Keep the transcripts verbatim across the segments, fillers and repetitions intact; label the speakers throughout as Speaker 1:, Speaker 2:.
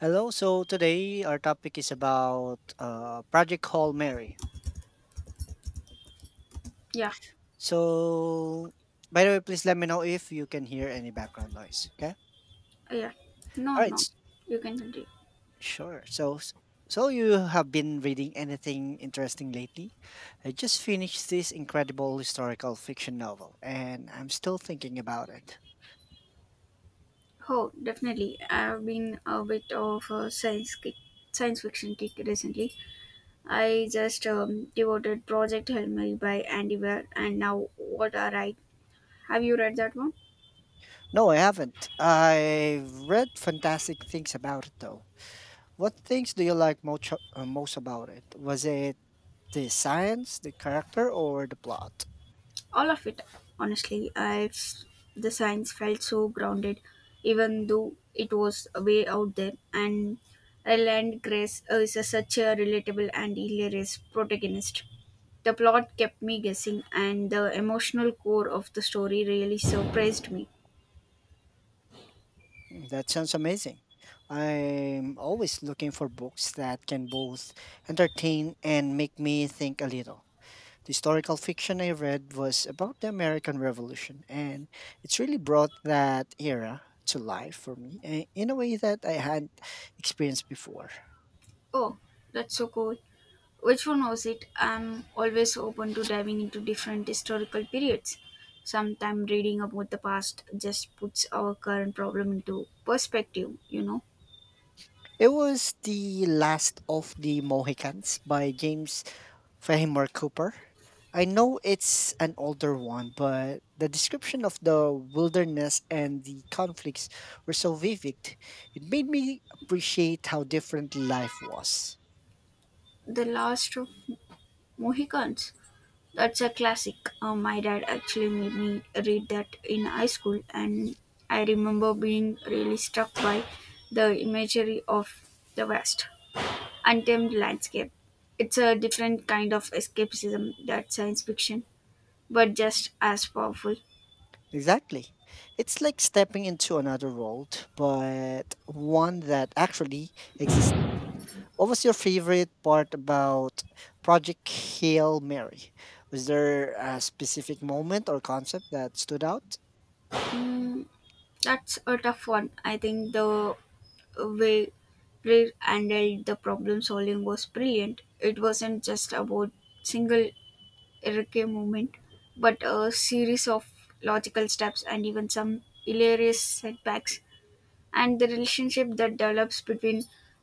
Speaker 1: Hello. So today our topic is about uh, Project Call Mary.
Speaker 2: Yeah,
Speaker 1: So, by the way, please let me know if you can hear any background noise. Okay.
Speaker 2: yeah. No,
Speaker 1: All right.
Speaker 2: no.
Speaker 1: s-
Speaker 2: You can continue.
Speaker 1: Sure. So, s- so you have been reading anything interesting lately? I just finished this incredible historical fiction novel, and I'm still thinking about it.
Speaker 2: Oh, definitely. I've been a bit of a science kick, science fiction kick recently. I just um, devoted Project Hail Mary by Andy Weir, and now what are I? Have you read that one?
Speaker 1: No, I haven't. I've read fantastic things about it though. What things do you like most, uh, most about it? Was it the science, the character, or the plot?
Speaker 2: All of it, honestly I the science felt so grounded even though it was way out there, and Ryland Grace is a, such a relatable and hilarious protagonist. The plot kept me guessing, and the emotional core of the story really surprised me.
Speaker 1: Mm, that sounds amazing. I'm always looking for books that can both entertain and make me think a little. The historical fiction I read was about the American Revolution, and it's really brought that era to life for me eh, in a way that I hadn't experienced before.
Speaker 2: Oh, that's so cool. Which one was it? I'm always open to diving into different historical periods. Sometimes reading about the past just puts our current problem into perspective, you know.
Speaker 1: It was The Last of the Mohicans by James Fahimore Cooper. I know it's an older one, but the description of the wilderness and the conflicts were so vivid. It made me appreciate how different life was.
Speaker 2: The Last of Mohicans. That's a classic. Uh, my dad actually made me read that in high school, and I remember being really struck by the imagery of the vast, untamed landscape. It's a different kind of escapism that science fiction, but just as powerful.
Speaker 1: Exactly. It's like stepping into another world, but one that actually existed. What was your favorite part about Project Hail Mary? Was there a specific moment or concept that stood out?
Speaker 2: Mm, that's a tough one. I think the way Greer handled the problem solving was brilliant. It wasn't just about single Erike movement, but a series of logical steps and even some hilarious setbacks. And the relationship that develops between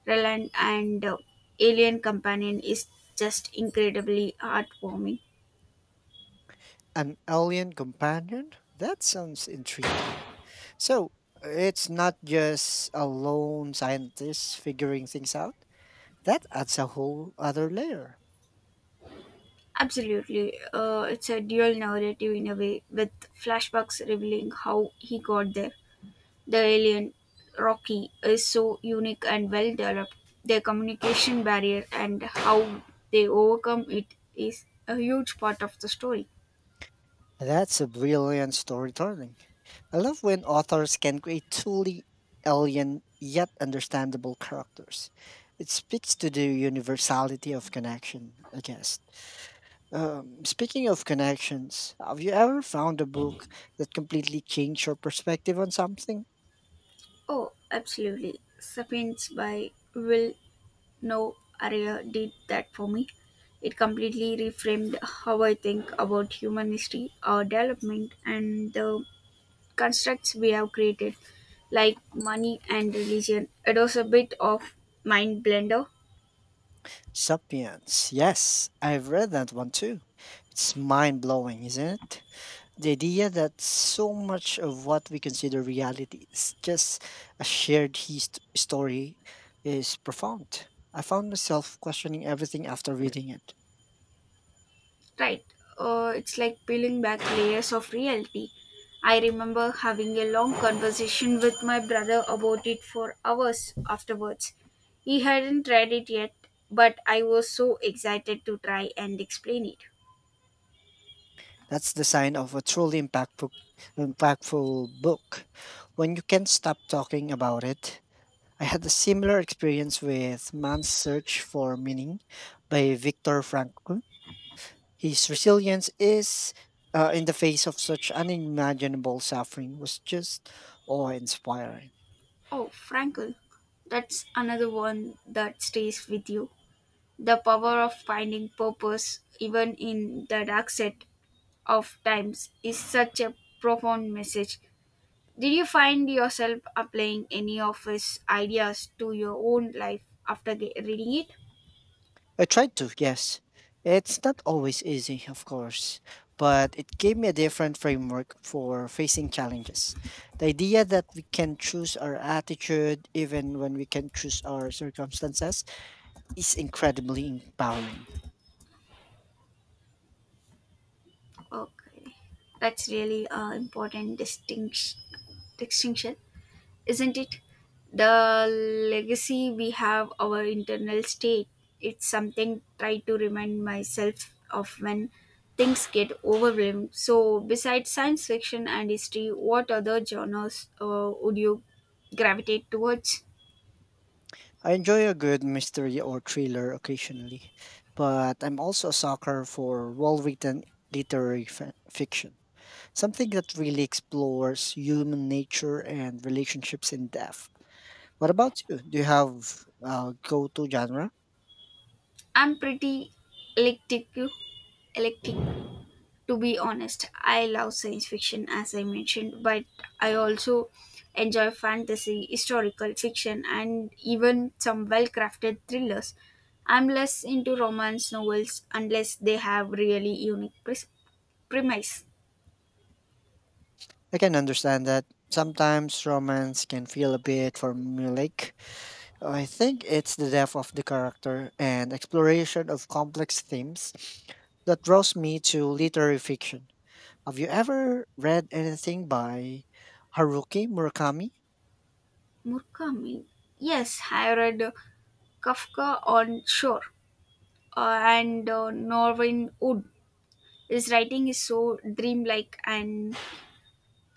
Speaker 2: Relan and uh, alien companion is just incredibly heartwarming.
Speaker 1: An alien companion? That sounds intriguing. So, it's not just a lone scientist figuring things out? That adds a whole other layer.
Speaker 2: Absolutely. Uh, it's a dual narrative in a way, with flashbacks revealing how he got there. The alien, Rocky, is so unique and well developed. Their communication barrier and how they overcome it is a huge part of the story.
Speaker 1: That's a brilliant storytelling. I love when authors can create truly alien yet understandable characters. It speaks to the universality of connection, I guess. Um, speaking of connections, have you ever found a book that completely changed your perspective on something?
Speaker 2: Oh, absolutely. Sapiens by Will No Aria did that for me. It completely reframed how I think about human history, our development, and the constructs we have created, like money and religion. It was a bit of mind blender,
Speaker 1: Sapiens. Yes, I've read that one too. It's mind blowing, isn't it? The idea that so much of what we consider reality is just a shared hist- story is profound. I found myself questioning everything after reading it.
Speaker 2: right? Uh, it's like peeling back layers of reality. I remember having a long conversation with my brother about it for hours afterwards. He hadn't read it yet, but I was so excited to try and explain it.
Speaker 1: That's the sign of a truly impactful impactful book. When you can't stop talking about it. I had a similar experience with Man's Search for Meaning by Viktor Frankl. His resilience is uh, in the face of such unimaginable suffering was just awe inspiring.
Speaker 2: Oh, Frankel, that's another one that stays with you. The power of finding purpose even in the dark set of times is such a profound message. Did you find yourself applying any of his ideas to your own life after ge- reading it?
Speaker 1: I tried to, yes. It's not always easy, of course, but it gave me a different framework for facing challenges. The idea that we can choose our attitude even when we can choose our circumstances is incredibly empowering.
Speaker 2: Okay, that's really an important distinction. distinction. isn't it? The legacy we have, our internal state, it's something try to remind myself of when things get overwhelmed. So, besides science fiction and history, what other genres uh, would you gravitate towards?
Speaker 1: I enjoy a good mystery or thriller occasionally, but I'm also a sucker for well written literary fi- fiction, something that really explores human nature and relationships in depth. What about you? Do you have uh, go-to genre?
Speaker 2: I'm pretty eclectic. Eclectic. to be honest. I love science fiction as I mentioned, but I also enjoy fantasy, historical fiction, and even some well crafted thrillers. I'm less into romance novels unless they have really unique pres- premise.
Speaker 1: I can understand that sometimes romance can feel a bit formulaic, I think it's the depth of the character and exploration of complex themes that draws me to literary fiction. Have you ever read anything by Haruki Murakami?
Speaker 2: Murakami. Yes, I read uh, Kafka on Shore uh, and uh, Norman Wood. His writing is so dreamlike and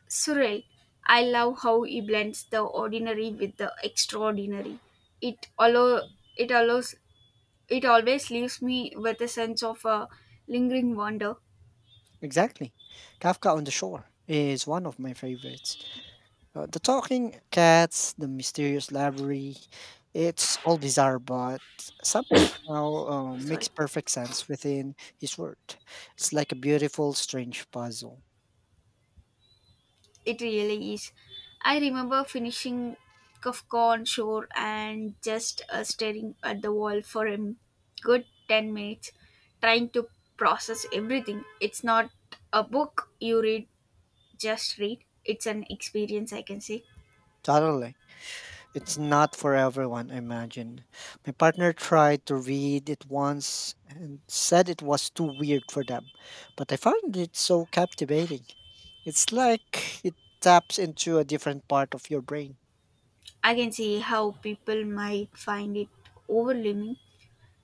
Speaker 2: surreal. I love how he blends the ordinary with the extraordinary. It allow it allows it always leaves me with a sense of a lingering wonder.
Speaker 1: Exactly. Kafka on the Shore is one of my favorites. Uh, the talking cats, the mysterious library, it's all bizarre, but somehow uh, makes
Speaker 2: Sorry,
Speaker 1: perfect sense within his world. It's like a beautiful, strange puzzle.
Speaker 2: it really is. I remember finishing Kafka on Shore and just uh, staring at the wall for a good ten minutes, trying to process everything. It's not a book you read, just read. It's an experience, I can say.
Speaker 1: Totally. It's not for everyone, I imagine. My partner tried to read it once and said it was too weird for them, but I found it so captivating. It's like it taps into a different part of your brain.
Speaker 2: I can see how people might find it overwhelming.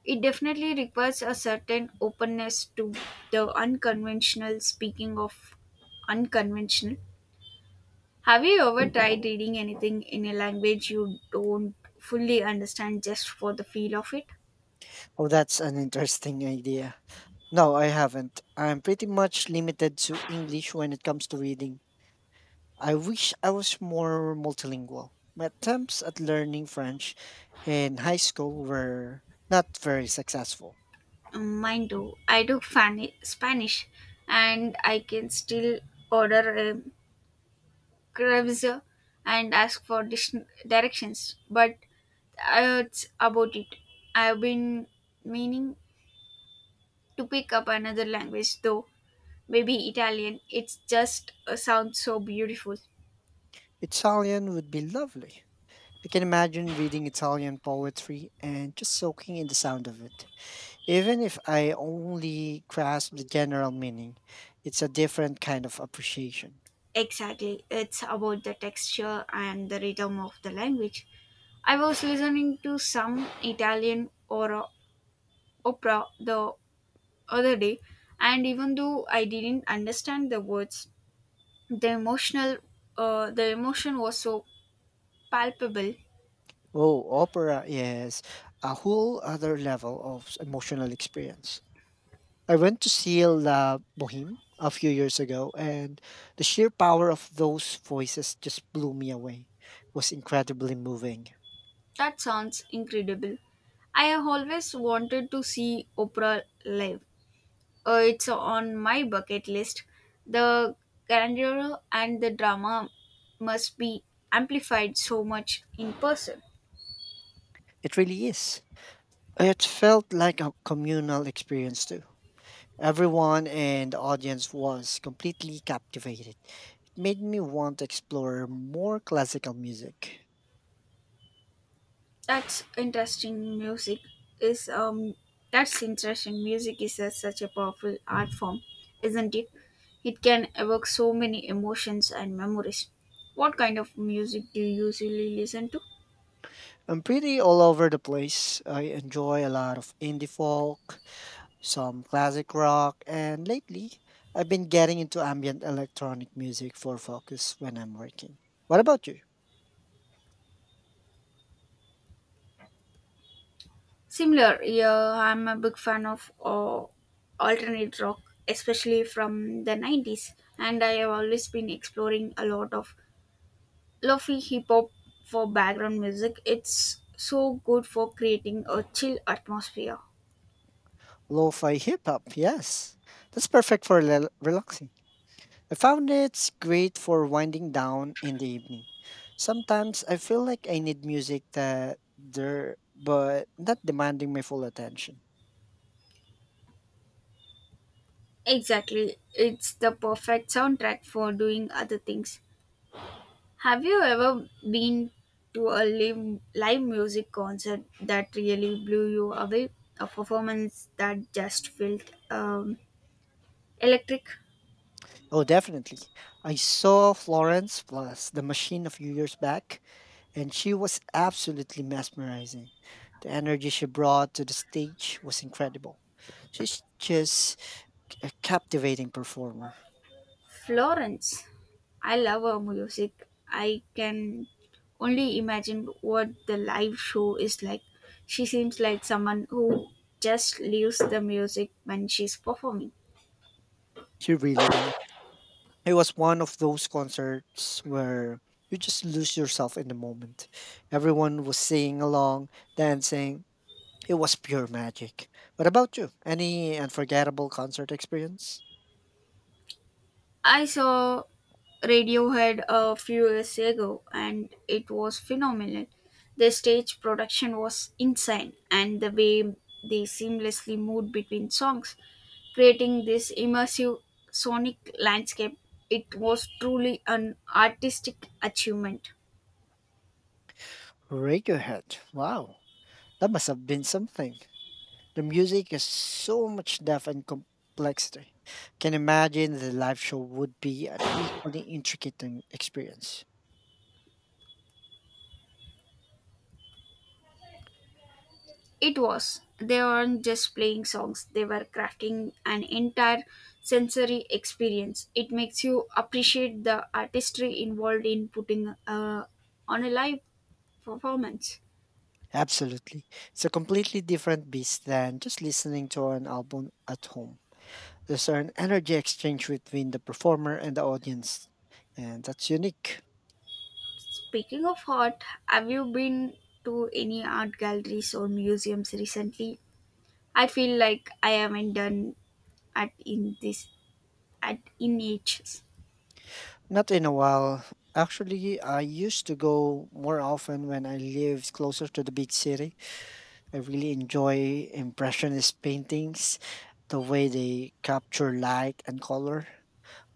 Speaker 2: It definitely requires a certain openness to the unconventional. Speaking of unconventional, have you ever tried reading anything in a language you don't fully understand just for the feel of it?
Speaker 1: Oh, that's an interesting idea. No, I haven't. I'm pretty much limited to English when it comes to reading. I wish I was more multilingual. My attempts at learning French in high school were not very successful.
Speaker 2: Mm, mine too. I took Fani- Spanish, and I can still order um, Krebs and ask for dis- directions, but uh, it's about it. I've been meaning to pick up another language, though maybe Italian. It's just uh, sounds so beautiful.
Speaker 1: Italian would be lovely. I can imagine reading Italian poetry and just soaking in the sound of it. Even if I only grasp the general meaning, it's a different kind of appreciation.
Speaker 2: Exactly, it's about the texture and the rhythm of the language. I was listening to some Italian or uh, opera the other day, and even though I didn't understand the words, the emotional, uh, the emotion was so palpable.
Speaker 1: Oh, opera is a whole other level of emotional experience. I went to see La Boheme a few years ago, and the sheer power of those voices just blew me away. It was incredibly moving.
Speaker 2: That sounds incredible. I have always wanted to see opera live. Uh, it's on my bucket list. The grandeur and the drama must be amplified so much in person.
Speaker 1: It really is. It felt like a communal experience, too. Everyone in the audience was completely captivated. It made me want to explore more classical music.
Speaker 2: That's interesting. Music is um. That's interesting. Music is a, such a powerful art form, isn't it? It can evoke so many emotions and memories. What kind of music do you usually listen to?
Speaker 1: I'm pretty all over the place. I enjoy a lot of indie folk, some classic rock, and lately I've been getting into ambient electronic music for focus when I'm working. What about you?
Speaker 2: Similar, yeah. I'm a big fan of uh, alternate rock, especially from the nineties, and I have always been exploring a lot of lofi hip hop for background music. It's so good for creating a chill atmosphere.
Speaker 1: Lo-fi hip hop, yes. That's perfect for rel- relaxing. I found it's great for winding down in the evening. Sometimes I feel like I need music that there but not demanding my full attention.
Speaker 2: Exactly, it's the perfect soundtrack for doing other things. Have you ever been to a live, live music concert that really blew you away? A performance that just felt um, electric?
Speaker 1: Oh, definitely. I saw Florence plus the machine a few years back, and she was absolutely mesmerizing. The energy she brought to the stage was incredible. She's just a captivating performer.
Speaker 2: Florence. I love her music. I can only imagine what the live show is like. She seems like someone who just leaves the music when she's performing.
Speaker 1: She really does it was one of those concerts where you just lose yourself in the moment. Everyone was singing along, dancing, it was pure magic. What about you? Any unforgettable concert experience?
Speaker 2: I saw Radiohead a few years ago, and it was phenomenal. The stage production was insane, and the way they seamlessly moved between songs, creating this immersive sonic landscape, it was truly an artistic achievement.
Speaker 1: Radiohead. Wow. That must have been something. The music is so much depth and complexity. Can imagine the live show would be an equally intricate and experience.
Speaker 2: It was. They weren't just playing songs, they were crafting an entire sensory experience. It makes you appreciate the artistry involved in putting uh, on a live performance.
Speaker 1: Absolutely. It's a completely different beast than just listening to an album at home. There's an energy exchange between the performer and the audience, and that's unique.
Speaker 2: Speaking of art, have you been to any art galleries or museums recently? I feel like I haven't done at in this at in ages.
Speaker 1: Not in a while. Actually, I used to go more often when I lived closer to the big city. I really enjoy Impressionist paintings, the way they capture light and color.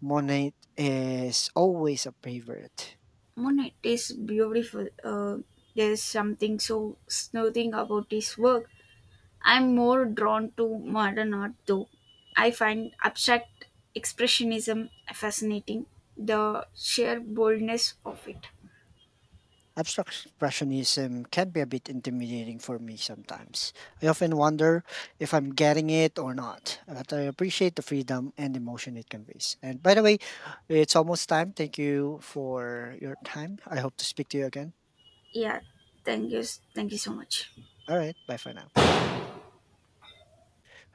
Speaker 1: Monet is always a favorite.
Speaker 2: Monet is beautiful. Uh, there's something so soothing about his work. I'm more drawn to modern art though. I find abstract expressionism fascinating, the sheer boldness of it.
Speaker 1: Abstract Expressionism can be a bit intimidating for me sometimes. I often wonder if I'm getting it or not, but I appreciate the freedom and emotion it conveys. And by the way, it's almost time. Thank you for your time. I hope to speak to you again.
Speaker 2: Yeah, thank you. Thank you so much.
Speaker 1: All right, bye for now.